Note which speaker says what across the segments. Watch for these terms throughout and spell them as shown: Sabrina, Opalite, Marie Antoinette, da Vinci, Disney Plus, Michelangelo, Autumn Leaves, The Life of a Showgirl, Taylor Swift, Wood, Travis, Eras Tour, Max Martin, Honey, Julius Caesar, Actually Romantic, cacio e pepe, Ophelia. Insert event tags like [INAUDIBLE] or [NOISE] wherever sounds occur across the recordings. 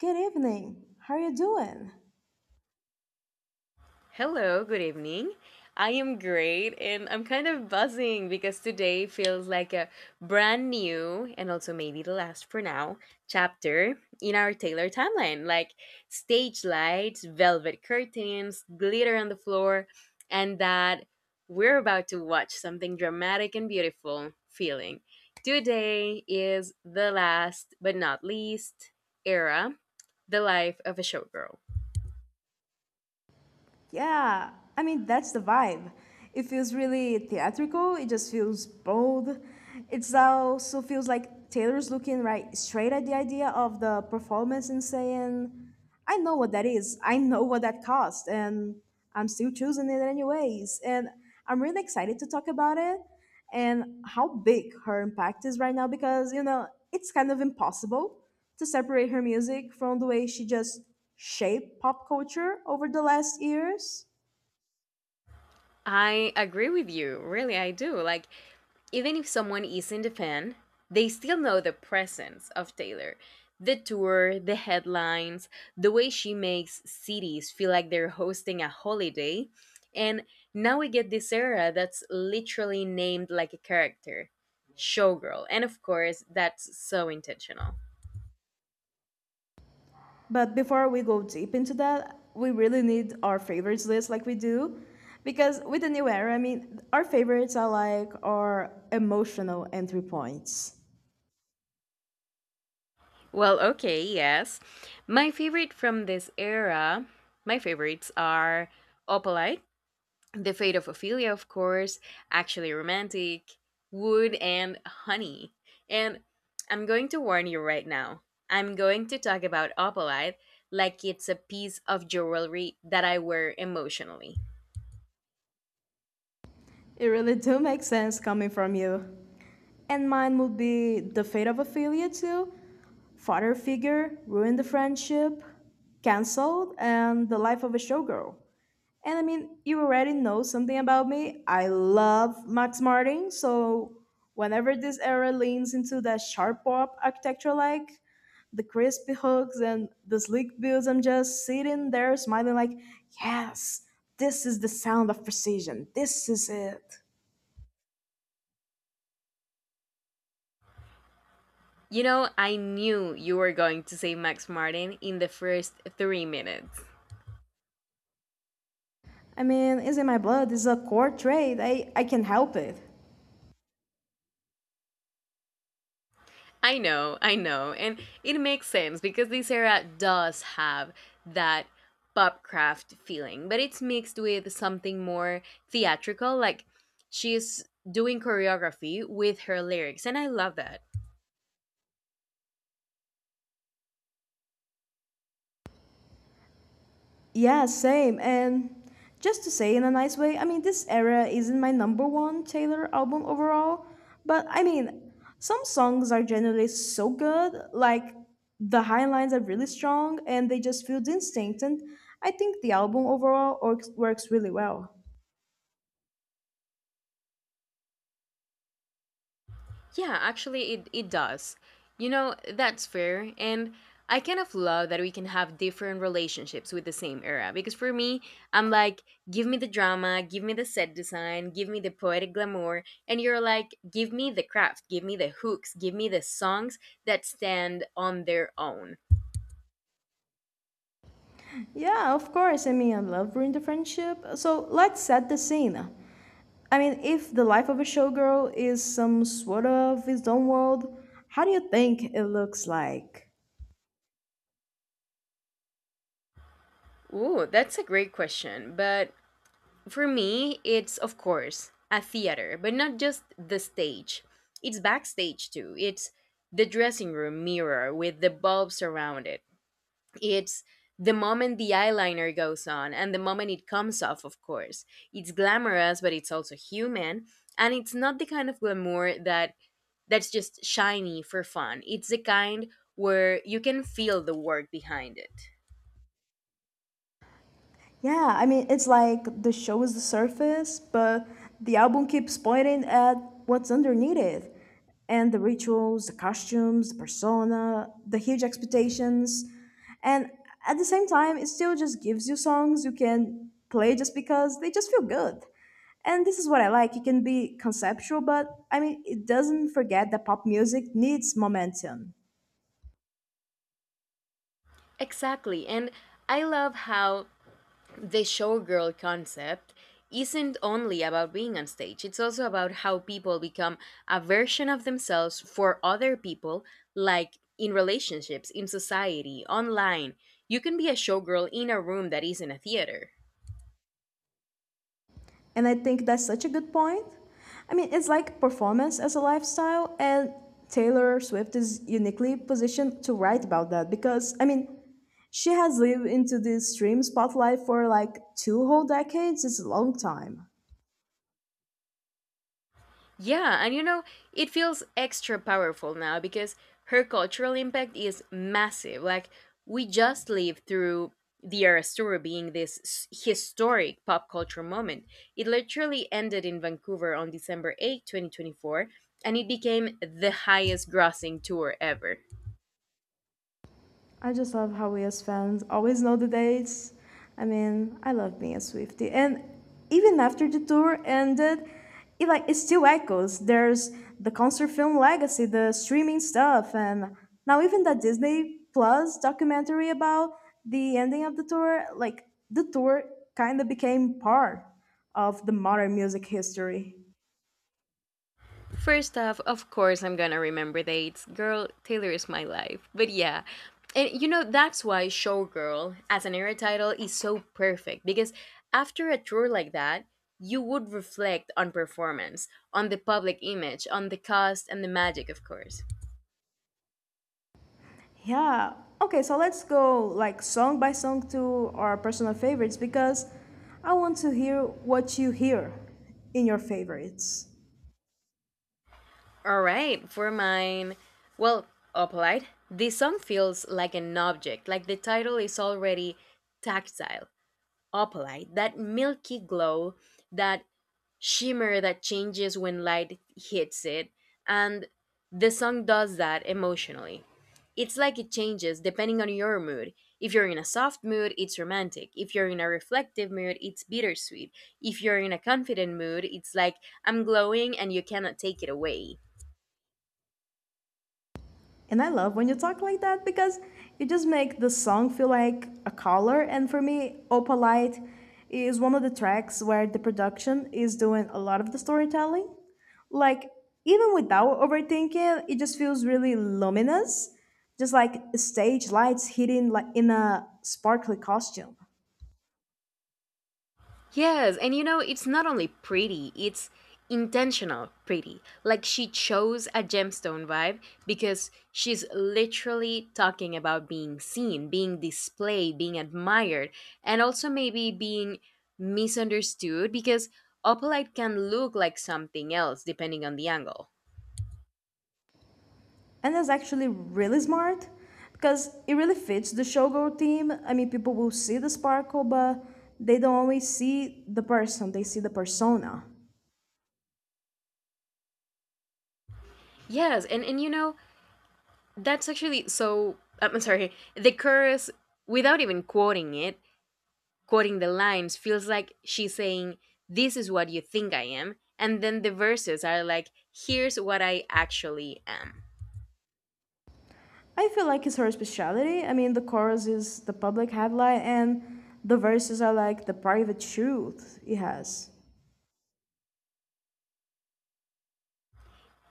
Speaker 1: Good evening. How are you doing?
Speaker 2: Hello, good evening. I am great and I'm kind of buzzing because today feels like a brand new and also maybe the last for now chapter in our Taylor timeline. Like stage lights, velvet curtains, glitter on the floor, and that we're about to watch something dramatic and beautiful feeling. Today is the last but not least era, the life of a showgirl.
Speaker 1: Yeah, I mean, that's the vibe. It feels really theatrical, it just feels bold. It also feels like Taylor's looking right straight at the idea of the performance and saying, I know what that is, I know what that cost, and I'm still choosing it anyways. And I'm really excited to talk about it. And how big her impact is right now because you know it's kind of impossible to separate her music from the way she just shaped pop culture over the last years.
Speaker 2: I agree with you. Really, I do. Like, even if someone is in the fan, they still know the presence of Taylor. The tour, the headlines, the way she makes cities feel like they're hosting a holiday. And now we get this era that's literally named like a character Showgirl. And of course, that's so intentional.
Speaker 1: But before we go deep into that we really need our favorites list like we do, because with the new era I mean our favorites are like our emotional entry points.
Speaker 2: Well, okay, yes. My favorite from this era, my favorites are Opalite, The Fate of Ophelia, of course, Actually Romantic, Wood, and Honey. And I'm going to warn you right now. I'm going to talk about Opalite like it's a piece of jewelry that I wear emotionally.
Speaker 1: It really do make sense coming from you, and mine would be The Fate of Ophelia too, Father Figure, Ruined the Friendship, Canceled, and The Life of a Showgirl. And I mean, you already know something about me. I love Max Martin, so whenever this era leans into that sharp pop architecture like the crispy hooks and the sleek builds, I'm just sitting there smiling like, yes, this is the sound of precision. This is it.
Speaker 2: You know, I knew you were going to say Max Martin in the first 3 minutes.
Speaker 1: I mean, it's in my blood. It's a core trait. I can help it.
Speaker 2: I know, I know. And it makes sense because this era does have that pop craft feeling, but it's mixed with something more theatrical, like she's doing choreography with her lyrics, and I love that.
Speaker 1: Yeah, same. And just to say in a nice way, I mean, this era isn't my number one Taylor album overall, but I mean, some songs are generally so good, like the high lines are really strong and they just feel the instinct. And I think the album overall works, works really well.
Speaker 2: Yeah, actually, it does. You know, that's fair. And I kind of love that we can have different relationships with the same era. Because for me, I'm like, give me the drama, give me the set design, give me the poetic glamour. And you're like, give me the craft, give me the hooks, give me the songs that stand on their own.
Speaker 1: Yeah, of course. I mean, I love Ruin the Friendship. So let's set the scene. I mean, if the life of a showgirl is some sort of his own world, how do you think it looks like?
Speaker 2: Ooh, that's a great question. But For me, it's of course a theater, but not just the stage. It's backstage too. It's the dressing room mirror with the bulbs around it. It's the moment the eyeliner goes on and the moment it comes off, of course. It's glamorous, but it's also human, and it's not the kind of glamour that's just shiny for fun. It's the kind where you can feel the work behind it.
Speaker 1: Yeah, I mean, it's like the show is the surface, but the album keeps pointing at what's underneath it. And the rituals, the costumes, the persona, the huge expectations. And at the same time, it still just gives you songs you can play just because they just feel good. And this is what I like. It can be conceptual, but I mean, it doesn't forget that pop music needs momentum.
Speaker 2: Exactly. And I love how the showgirl concept isn't only about being on stage, it's also about how people become a version of themselves for other people, like in relationships, in society, online. You can be a showgirl in a room that isn't a theater.
Speaker 1: And I think that's such a good point. I mean, it's like performance as a lifestyle, and Taylor Swift is uniquely positioned to write about that because, I mean, she has lived into this stream spotlight for like two whole decades. It's a long time.
Speaker 2: Yeah, and you know, it feels extra powerful now because her cultural impact is massive. Like, we just lived through the Eras Tour being this historic pop culture moment. It literally ended in Vancouver on December 8, 2024, and it became the highest grossing tour ever.
Speaker 1: I just love how we as fans always know the dates. I mean, I love being a Swiftie. And even after the tour ended, it like it still echoes. There's the concert film legacy, the streaming stuff, and now even that Disney Plus documentary about the ending of the tour, like the tour kind of became part of the modern music history.
Speaker 2: First off, of course, I'm gonna remember dates. Girl, Taylor is my life. But yeah, and you know, that's why Showgirl as an era title is so perfect because after a tour like that, you would reflect on performance, on the public image, on the cost, and the magic, of course.
Speaker 1: Yeah. Okay, so let's go like song by song to our personal favorites because I want to hear what you hear in your favorites.
Speaker 2: All right, for mine, well, Opalite, this song feels like an object, like the title is already tactile, opalite, that milky glow that shimmer that changes when light hits it. And the song does that emotionally. It's like it changes depending on your mood. If you're in a soft mood, it's romantic. If you're in a reflective mood, it's bittersweet. If you're in a confident mood, it's like I'm glowing and you cannot take it away.
Speaker 1: And I love when you talk like that because you just make the song feel like a color. And for me, Opalite is one of the tracks where the production is doing a lot of the storytelling. Like, even without overthinking, it just feels really luminous, just like stage lights hitting like in a sparkly costume.
Speaker 2: Yes, and you know, it's not only pretty, it's intentional pretty. Like she chose a gemstone vibe because she's literally talking about being seen, being displayed, being admired, and also maybe being misunderstood because opalite can look like something else depending on the angle.
Speaker 1: And that's actually really smart because it really fits the showgirl theme. I mean, people will see the sparkle, but they don't always see the person; they see the persona.
Speaker 2: Yes, and you know, that's actually so I'm sorry, the chorus without even quoting the lines feels like she's saying, this is what you think I am. And then the verses are like, here's what I actually am.
Speaker 1: I feel like it's her speciality. I mean, the chorus is the public headlight, and the verses are like the private truth it has.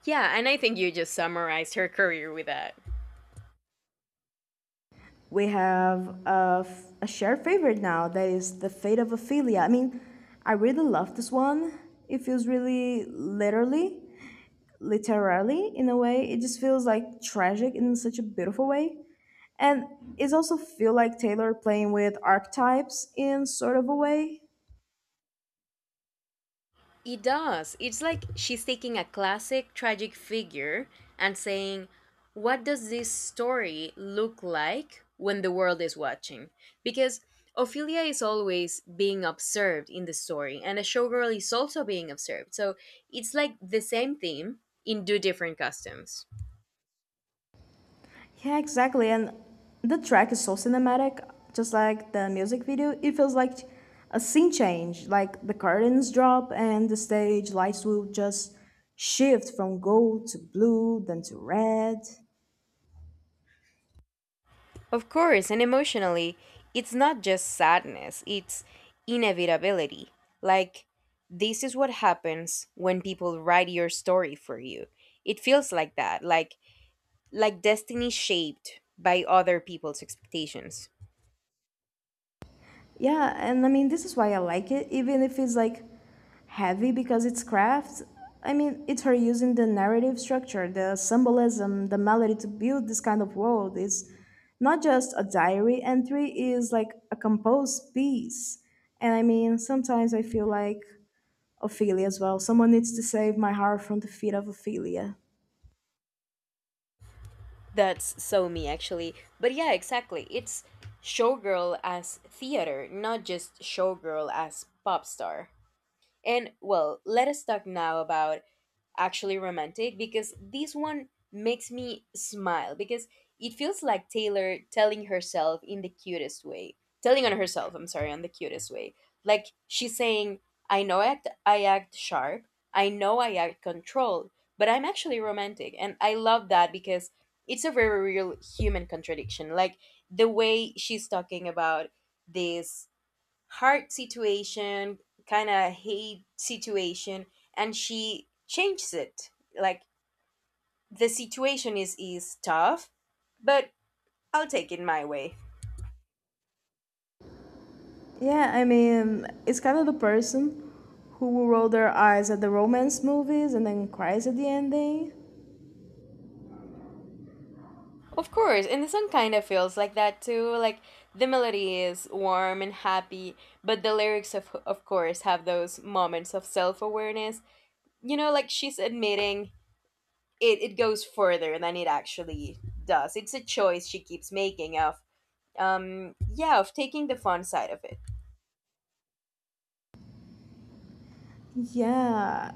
Speaker 2: Yeah, and I think you just summarized her career with that.
Speaker 1: We have a shared favorite now that is The Fate of Ophelia. I mean, I really love this one. It feels really literally in a way. It just feels like tragic in such a beautiful way. And it also feel like Taylor playing with archetypes in sort of a way.
Speaker 2: It does. It's like she's taking a classic tragic figure and saying, what does this story look like when the world is watching? Because Ophelia is always being observed in the story, and a showgirl is also being observed. So it's like the same theme in two different costumes.
Speaker 1: Yeah, exactly. And the track is so cinematic, just like the music video. It feels like a scene change, like the curtains drop and the stage lights will just shift from gold to blue, then to red.
Speaker 2: Of course, and emotionally, it's not just sadness, it's inevitability. Like, this is what happens when people write your story for you. It feels like that, like destiny shaped by other people's expectations.
Speaker 1: Yeah, and I mean, this is why I like it, even if it's like heavy because it's craft. I mean, it's her using the narrative structure, the symbolism, the melody to build this kind of world. It's not just a diary entry, it's like a composed piece. And I mean, sometimes I feel like Ophelia as well. Someone needs to save my heart from the feet of Ophelia.
Speaker 2: That's so me actually. But yeah, exactly. It's showgirl as theater, not just showgirl as pop star. And well, let us talk now about actually romantic because this one makes me smile because it feels like Taylor telling herself in the cutest way, telling on herself, I'm sorry, on the cutest way. Like she's saying, I know I act sharp, I know I act controlled, but I'm actually romantic. And I love that because it's a very real human contradiction. Like the way she's talking about this hard situation, kind of hate situation, and she changes it. Like the situation is tough, but I'll take it my way.
Speaker 1: Yeah, I mean, it's kind of the person who will roll their eyes at the romance movies and then cries at the ending.
Speaker 2: Of course, and the song kind of feels like that too. Like the melody is warm and happy, but the lyrics of course have those moments of self-awareness. You know, like she's admitting it goes further than it actually does. It's a choice she keeps making of yeah, of taking the fun side of it.
Speaker 1: Yeah.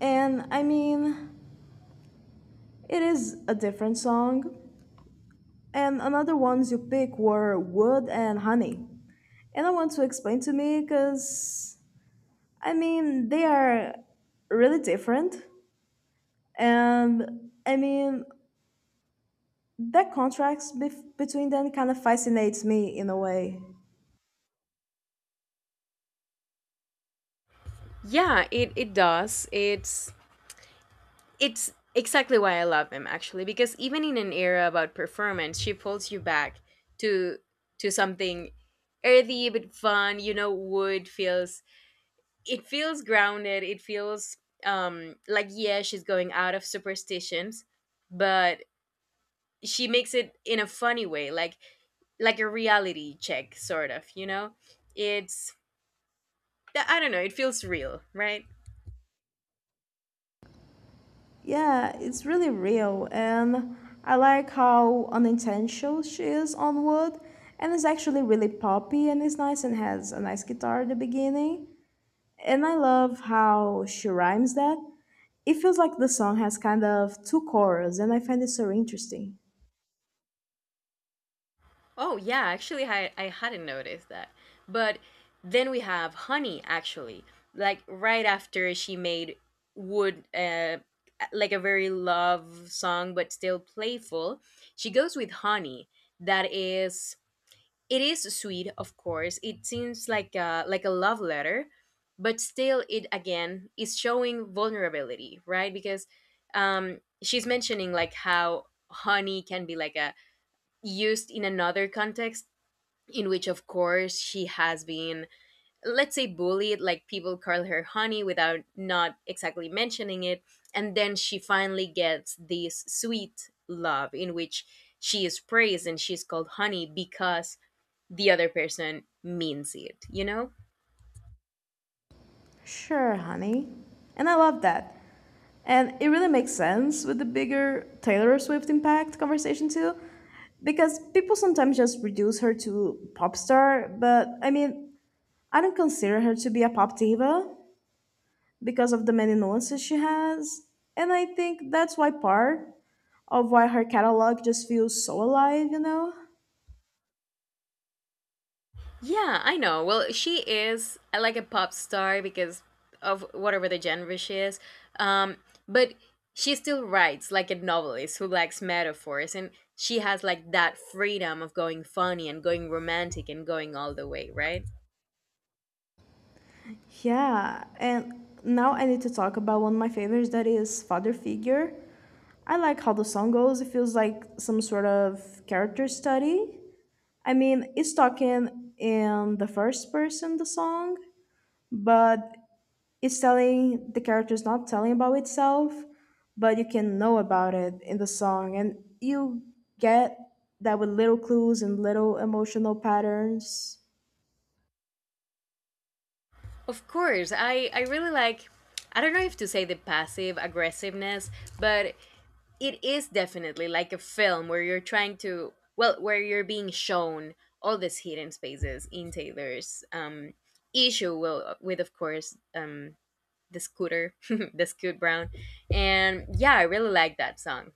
Speaker 1: And I mean, it is a different song. And another ones you pick were Wood and Honey. And I want to explain to me because, I mean, they are really different. And I mean, that contrast between them kind of fascinates me in a way.
Speaker 2: Yeah, it does. It's exactly why I love him actually because even in an era about performance, she pulls you back to to something earthy but fun, you know, wood feels it feels grounded, it feels like yeah, she's going out of superstitions, but she makes it in a funny way, like a reality check sort of, you know? It's I don't know, it feels real, right?
Speaker 1: Yeah, it's really real. And I like how unintentional she is on Wood. And it's actually really poppy and it's nice and has a nice guitar at the beginning. And I love how she rhymes that. It feels like the song has kind of two choruses, and I find it so interesting.
Speaker 2: Oh, yeah, actually, I hadn't noticed that. But then we have honey, actually. Like right after she made wood, like a very love song, but still playful, she goes with honey. That is, it is sweet, of course. It seems like like a love letter, but still, it again is showing vulnerability, right? Because she's mentioning like how honey can be like a used in another context in which of course she has been, let's say, bullied, like people call her honey without not exactly mentioning it, and then she finally gets this sweet love in which she is praised and she's called honey because the other person means it.
Speaker 1: Sure, honey. And I love that. And it really makes sense with the bigger Taylor Swift impact conversation, too, because people sometimes just reduce her to pop star, but I mean, I don't consider her to be a pop diva because of the many nuances she has. And I think that's why part of why her catalog just feels so alive, you know?
Speaker 2: Yeah, I know. Well, she is like a pop star because of whatever the genre she is. Um, but she still writes like a novelist who likes metaphors, and she has like that freedom of going funny and going romantic and going all the way, right?
Speaker 1: Yeah, and now I need to talk about one of my favorites that is Father Figure. I like how the song goes. It feels like some sort of character study. I mean, it's talking in the first person, the song, but it's telling the character's not telling about itself, but you can know about it in the song. And you get that with little clues and little emotional patterns.
Speaker 2: Of course, I really like. I don't know if to say the passive aggressiveness, but it is definitely like a film where you're trying to well where you're being shown all these hidden spaces in taylor's issue. Well, with of course the scooter [LAUGHS] the scoot brown, and yeah I really like that song.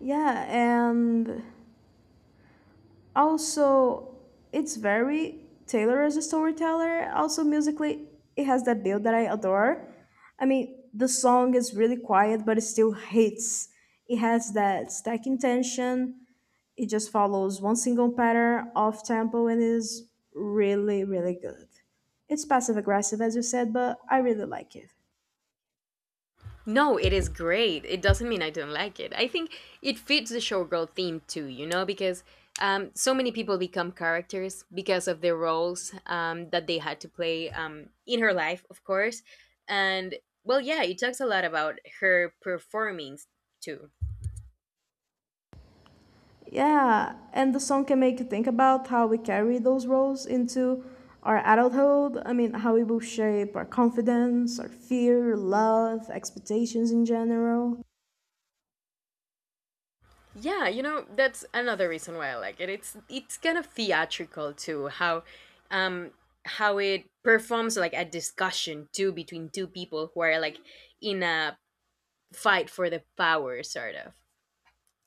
Speaker 1: Yeah, and also it's very Taylor as a storyteller, also musically. It has that build that I adore. I mean, the song is really quiet but it still hits. It has that stacking tension. It just follows one single pattern off tempo and is really really good. It's passive aggressive as you said, but I really like it.
Speaker 2: No, it is great. It doesn't mean I don't like it. I think it fits the showgirl theme too, you know, because so many people become characters because of the roles that they had to play in her life, of course. And well, yeah, it talks a lot about her performings too.
Speaker 1: Yeah, and the song can make you think about how we carry those roles into our adulthood. I mean, how it will shape our confidence, our fear, love, expectations in general.
Speaker 2: Yeah, you know, that's another reason why I like it. It's kind of theatrical too, um how it performs like a discussion too between two people who are like in a fight for the power, sort of.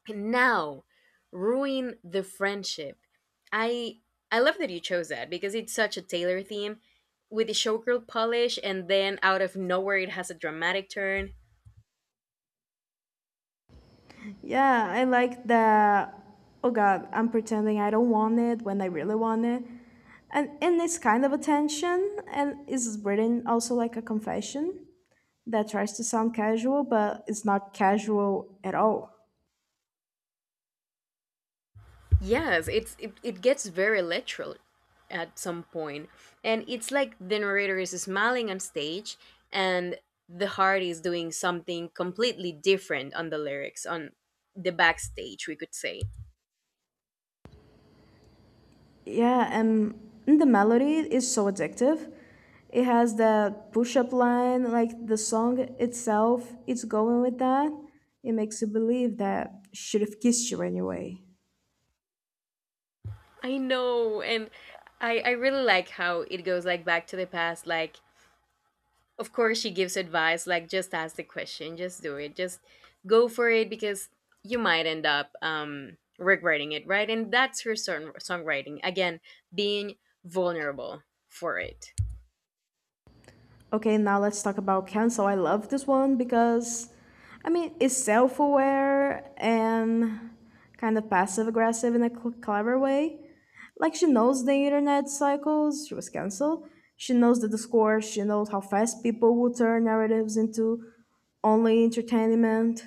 Speaker 2: And now, ruin the friendship. I I love that you chose that because it's such a Taylor theme with the showgirl polish, and then out of nowhere it has a dramatic turn.
Speaker 1: Yeah, I like that. Oh God, I'm pretending I don't want it when I really want it. And in this kind of attention, and is written also like a confession that tries to sound casual, but it's not casual at all.
Speaker 2: Yes, it gets very literal at some point, and it's like the narrator is smiling on stage, and the heart is doing something completely different on the lyrics on the backstage, we could say.
Speaker 1: Yeah, and the melody is so addictive. It has that push up line, like the song itself, it's going with that. It makes you believe that should have kissed you anyway.
Speaker 2: I know, and I really like how it goes like back to the past. Like, of course, she gives advice. Like, just ask the question, just do it, just go for it because you might end up regretting it, right? And that's her songwriting again, being vulnerable for it.
Speaker 1: Okay, now let's talk about Cancel. I love this one because, I mean, it's self aware and kind of passive aggressive in a clever way. Like, she knows the internet cycles, she was canceled. She knows the discourse, she knows how fast people will turn narratives into only entertainment.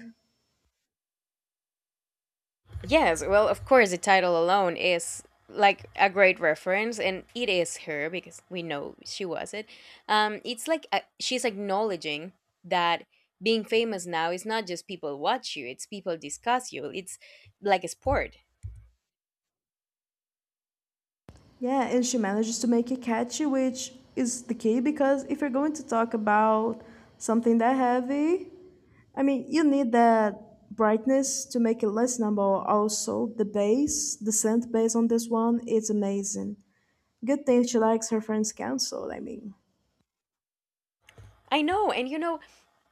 Speaker 2: Yes, well, of course, the title alone is like a great reference, and it is her because we know she was it. It's like she's acknowledging that being famous now is not just people watch you, it's people discuss you. It's like a sport.
Speaker 1: Yeah, and she manages to make it catchy, which is the key because if you're going to talk about something that heavy, I mean, you need that brightness to make it listenable. Also, the bass, the synth bass on this one, it's amazing. Good thing she likes her friend's counsel, I mean.
Speaker 2: I know, and you know,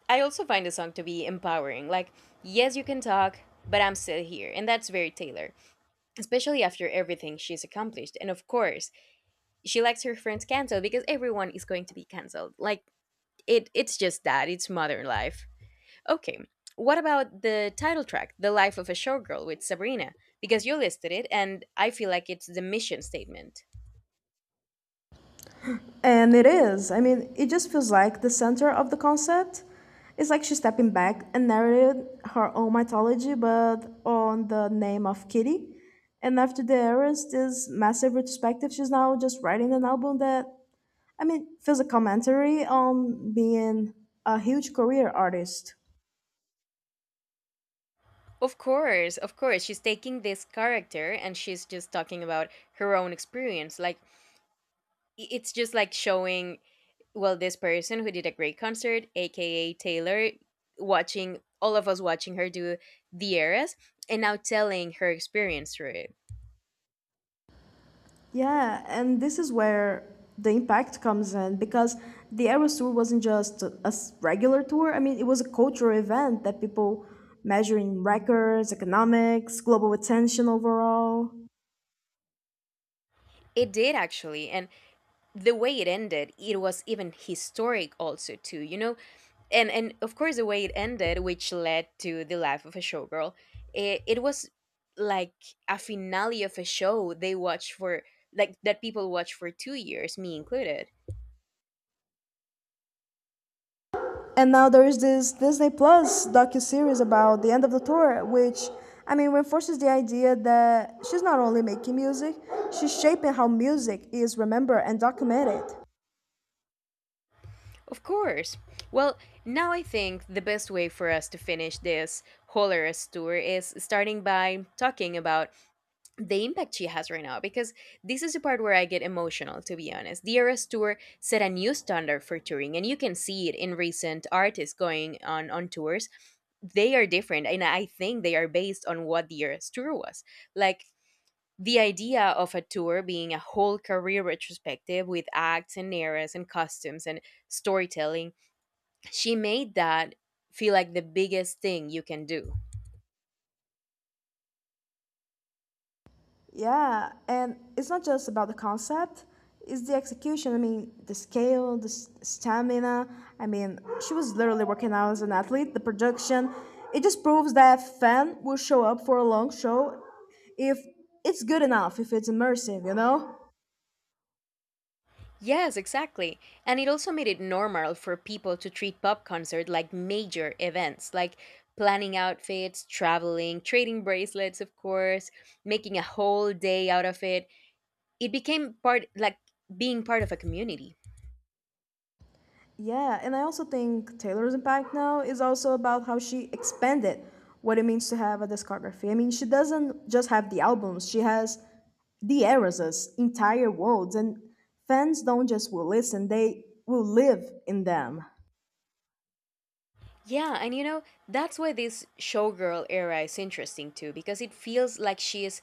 Speaker 2: I also find the song to be empowering. Like, yes, you can talk, but I'm still here. And that's very Taylor, especially after everything she's accomplished. And of course, she likes her friends canceled because everyone is going to be canceled. Like, it's just that it's modern life. Okay. What about the title track, The Life of a Showgirl with Sabrina? Because you listed it and I feel like it's the mission statement.
Speaker 1: And it is. I mean, it just feels like the center of the concept. It's like she's stepping back and narrated her own mythology, but on the name of Kitty. And after the Eras, this massive retrospective, she's now just writing an album that, I mean, feels a commentary on being a huge career artist.
Speaker 2: Of course, of course. She's taking this character and she's just talking about her own experience. Like it's just like showing well this person who did a great concert, aka Taylor, watching all of us watching her do the eras and now telling her experience through it.
Speaker 1: Yeah, and this is where the impact comes in because the Eras Tour wasn't just a regular tour. I mean, it was a cultural event that people measuring records, economics, global attention overall.
Speaker 2: It did actually, and the way it ended, it was even historic also too, you know, and of course the way it ended, which led to The Life of a Showgirl. It was like a finale of a show they watched for, like, that people watched for 2 years, me included.
Speaker 1: And now there is this Disney Plus docu-series about the end of the tour, which I mean reinforces the idea that she's not only making music, she's shaping how music is remembered and documented.
Speaker 2: Of course. Well, now I think the best way for us to finish this whole tour is starting by talking about the impact she has right now, because this is the part where I get emotional, to be honest. The Eras Tour set a new standard for touring, and you can see it in recent artists going on tours. They are different, and I think they are based on what the Eras Tour was. Like, the idea of a tour being a whole career retrospective with acts and eras and costumes and storytelling, she made that feel like the biggest thing you can do.
Speaker 1: Yeah, and it's not just about the concept, it's the execution. I mean, the scale, the stamina. I mean, she was literally working out as an athlete. The production, it just proves that fan will show up for a long show if it's good enough, if it's immersive, you know?
Speaker 2: Yes, exactly. And it also made it normal for people to treat pop concert like major events, like planning outfits, traveling, trading bracelets, of course, making a whole day out of it. It became part, like, being part of a community.
Speaker 1: Yeah, and I also think Taylor's impact now is also about how she expanded what it means to have a discography. I mean, she doesn't just have the albums, she has the eras, entire worlds, and fans don't just will listen, they will live in them.
Speaker 2: Yeah, and you know, that's why this showgirl era is interesting too, because it feels like she is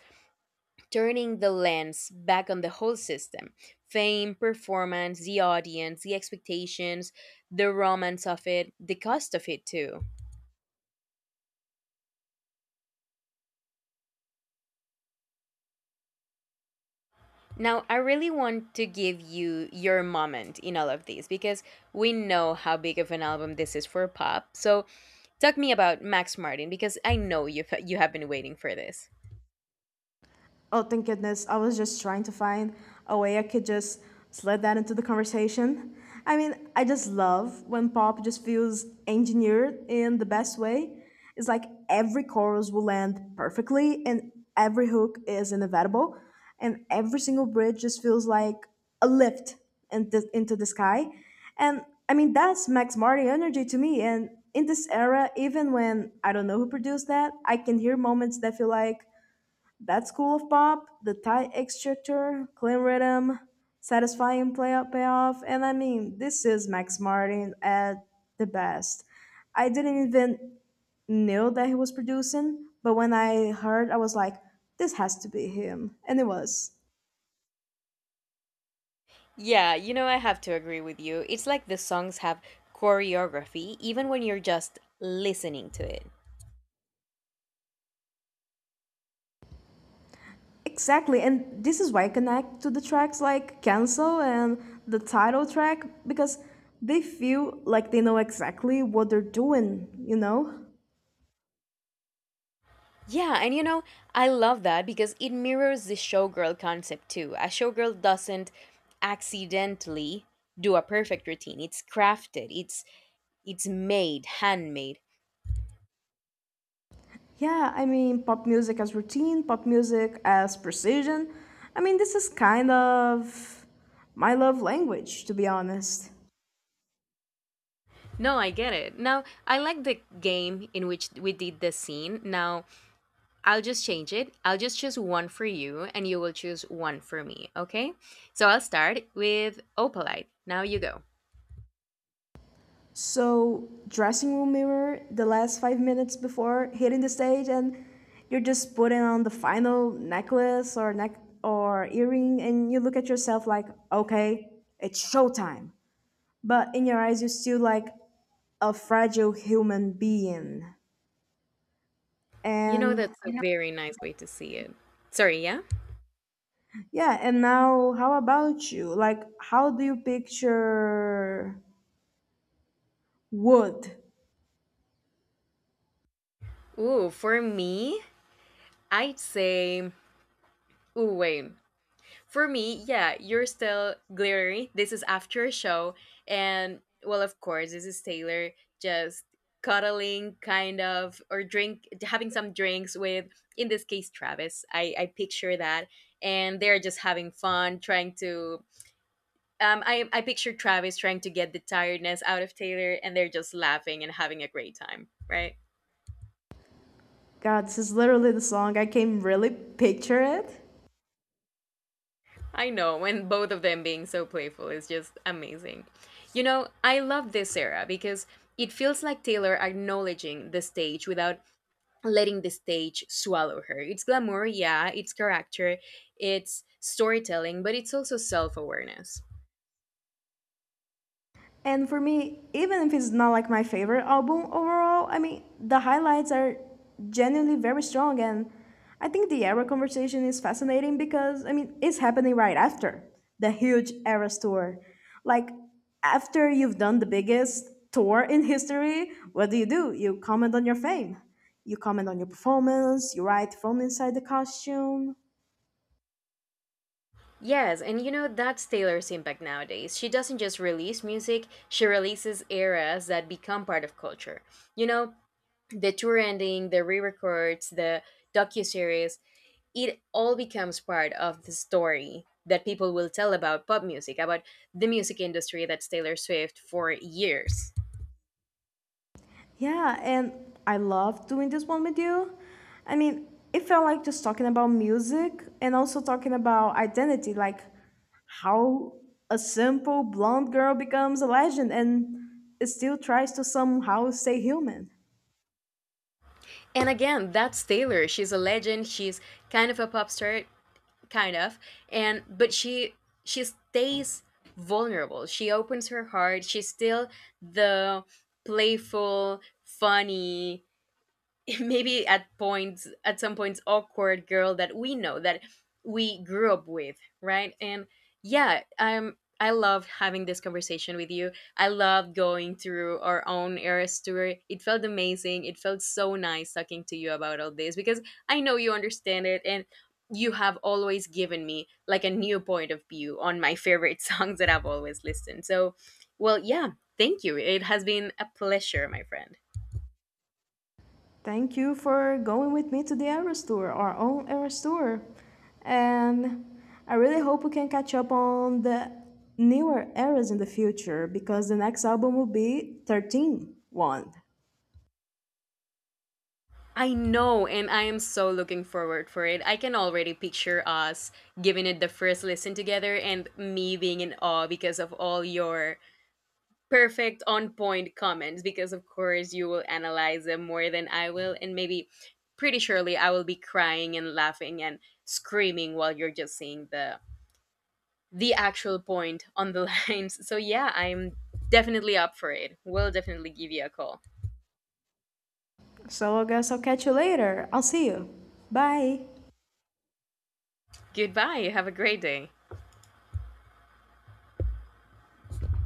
Speaker 2: turning the lens back on the whole system: fame, performance, the audience, the expectations, the romance of it, the cost of it too. Now, I really want to give you your moment in all of these because we know how big of an album this is for pop. So, talk me about Max Martin, because I know you have been waiting for this.
Speaker 1: Oh, thank goodness. I was just trying to find a way I could just slide that into the conversation. I mean, I just love when pop just feels engineered in the best way. It's like every chorus will land perfectly, and every hook is inevitable, and every single bridge just feels like a lift into the sky. And I mean, that's Max Marty energy to me. And in this era, even when I don't know who produced that, I can hear moments that feel like that school of pop, the tight extractor, clean rhythm, satisfying play payoff, and I mean, this is Max Martin at the best. I didn't even know that he was producing, but when I heard, I was like, this has to be him, and it was.
Speaker 2: Yeah, you know, I have to agree with you. It's like the songs have choreography even when you're just listening to it.
Speaker 1: Exactly, and this is why I connect to the tracks like Cancel and the title track because they feel like they know exactly what they're doing, you know?
Speaker 2: Yeah, and you know, I love that because it mirrors the showgirl concept too. A showgirl doesn't accidentally do a perfect routine. It's crafted. It's made, handmade.
Speaker 1: Yeah, I mean, pop music as routine, pop music as precision. I mean, this is kind of my love language, to be honest.
Speaker 2: No, I get it. Now, I like the game in which we did the scene. Now, I'll just change it. I'll just choose one for you and you will choose one for me, okay? So, I'll start with opalite. Now you go.
Speaker 1: So, dressing room mirror, the last 5 minutes before hitting the stage, and you're just putting on the final necklace or earring, and you look at yourself like, okay, it's showtime. But in your eyes, you're still like a fragile human being.
Speaker 2: You know,
Speaker 1: And
Speaker 2: that's a very nice way to see it. Sorry, yeah?
Speaker 1: yeah, and now how about you? Like, how do you picture wood?
Speaker 2: Ooh, for me, I'd say, ooh, wait. For me, yeah, you're still glittery. This is after a show. And, well, of course, this is Taylor just cuddling, kind of, or drink, having some drinks with, in this case, Travis. I picture that. And they're just having fun, trying to. I picture Travis trying to get the tiredness out of Taylor, and they're just laughing and having a great time, right?
Speaker 1: God, this is literally the song. I can really picture it.
Speaker 2: I know, and both of them being so playful is just amazing. You know, I love this era because it feels like Taylor acknowledging the stage without letting the stage swallow her. It's glamour, yeah, it's character, it's storytelling, but it's also self awareness.
Speaker 1: And for me, even if it's not like my favorite album overall, I mean, the highlights are genuinely very strong. And I think the era conversation is fascinating because, I mean, it's happening right after the huge Eras tour. Like, after you've done the biggest tour in history, what do? You comment on your fame, you comment on your performance, you write from inside the costume.
Speaker 2: Yes, and you know, that's Taylor's impact nowadays. She doesn't just release music, she releases eras that become part of culture. You know, the tour ending, the re records, the docuseries, it all becomes part of the story that people will tell about pop music, about the music industry. That's Taylor Swift for years.
Speaker 1: Yeah, and I love doing this one with you. I mean, it felt like just talking about music and also talking about identity, like how a simple blonde girl becomes a legend and still tries to somehow stay human.
Speaker 2: And again, that's Taylor. She's a legend. She's kind of a pop star, kind of. And but she stays vulnerable. She opens her heart. She's still the playful, funny, [LAUGHS] maybe at points, at some points awkward girl that we know, that we grew up with, right? And yeah, I love having this conversation with you. I love going through our own era story. It felt amazing. It felt so nice talking to you about all this, because I know you understand it, and you have always given me, like, a new point of view on my favorite [LAUGHS] songs that I've always listened. So, well, yeah, thank you. It has been a pleasure, my friend.
Speaker 1: Thank you for going with me to the Eras Tour, our own Eras Tour. And I really hope we can catch up on the newer eras in the future because the next album will be 13-1.
Speaker 2: I know, and I am so looking forward for it. I can already picture us giving it the first listen together, and me being in awe because of all your perfect on point comments, because of course you will analyze them more than I will, and maybe pretty surely I will be crying and laughing and screaming while you're just seeing the actual point on the [LAUGHS] lines. So yeah, I'm definitely up for it. We'll definitely give you a call.
Speaker 1: So I guess I'll catch you later. I'll see you. Bye.
Speaker 2: Goodbye. Have a great day.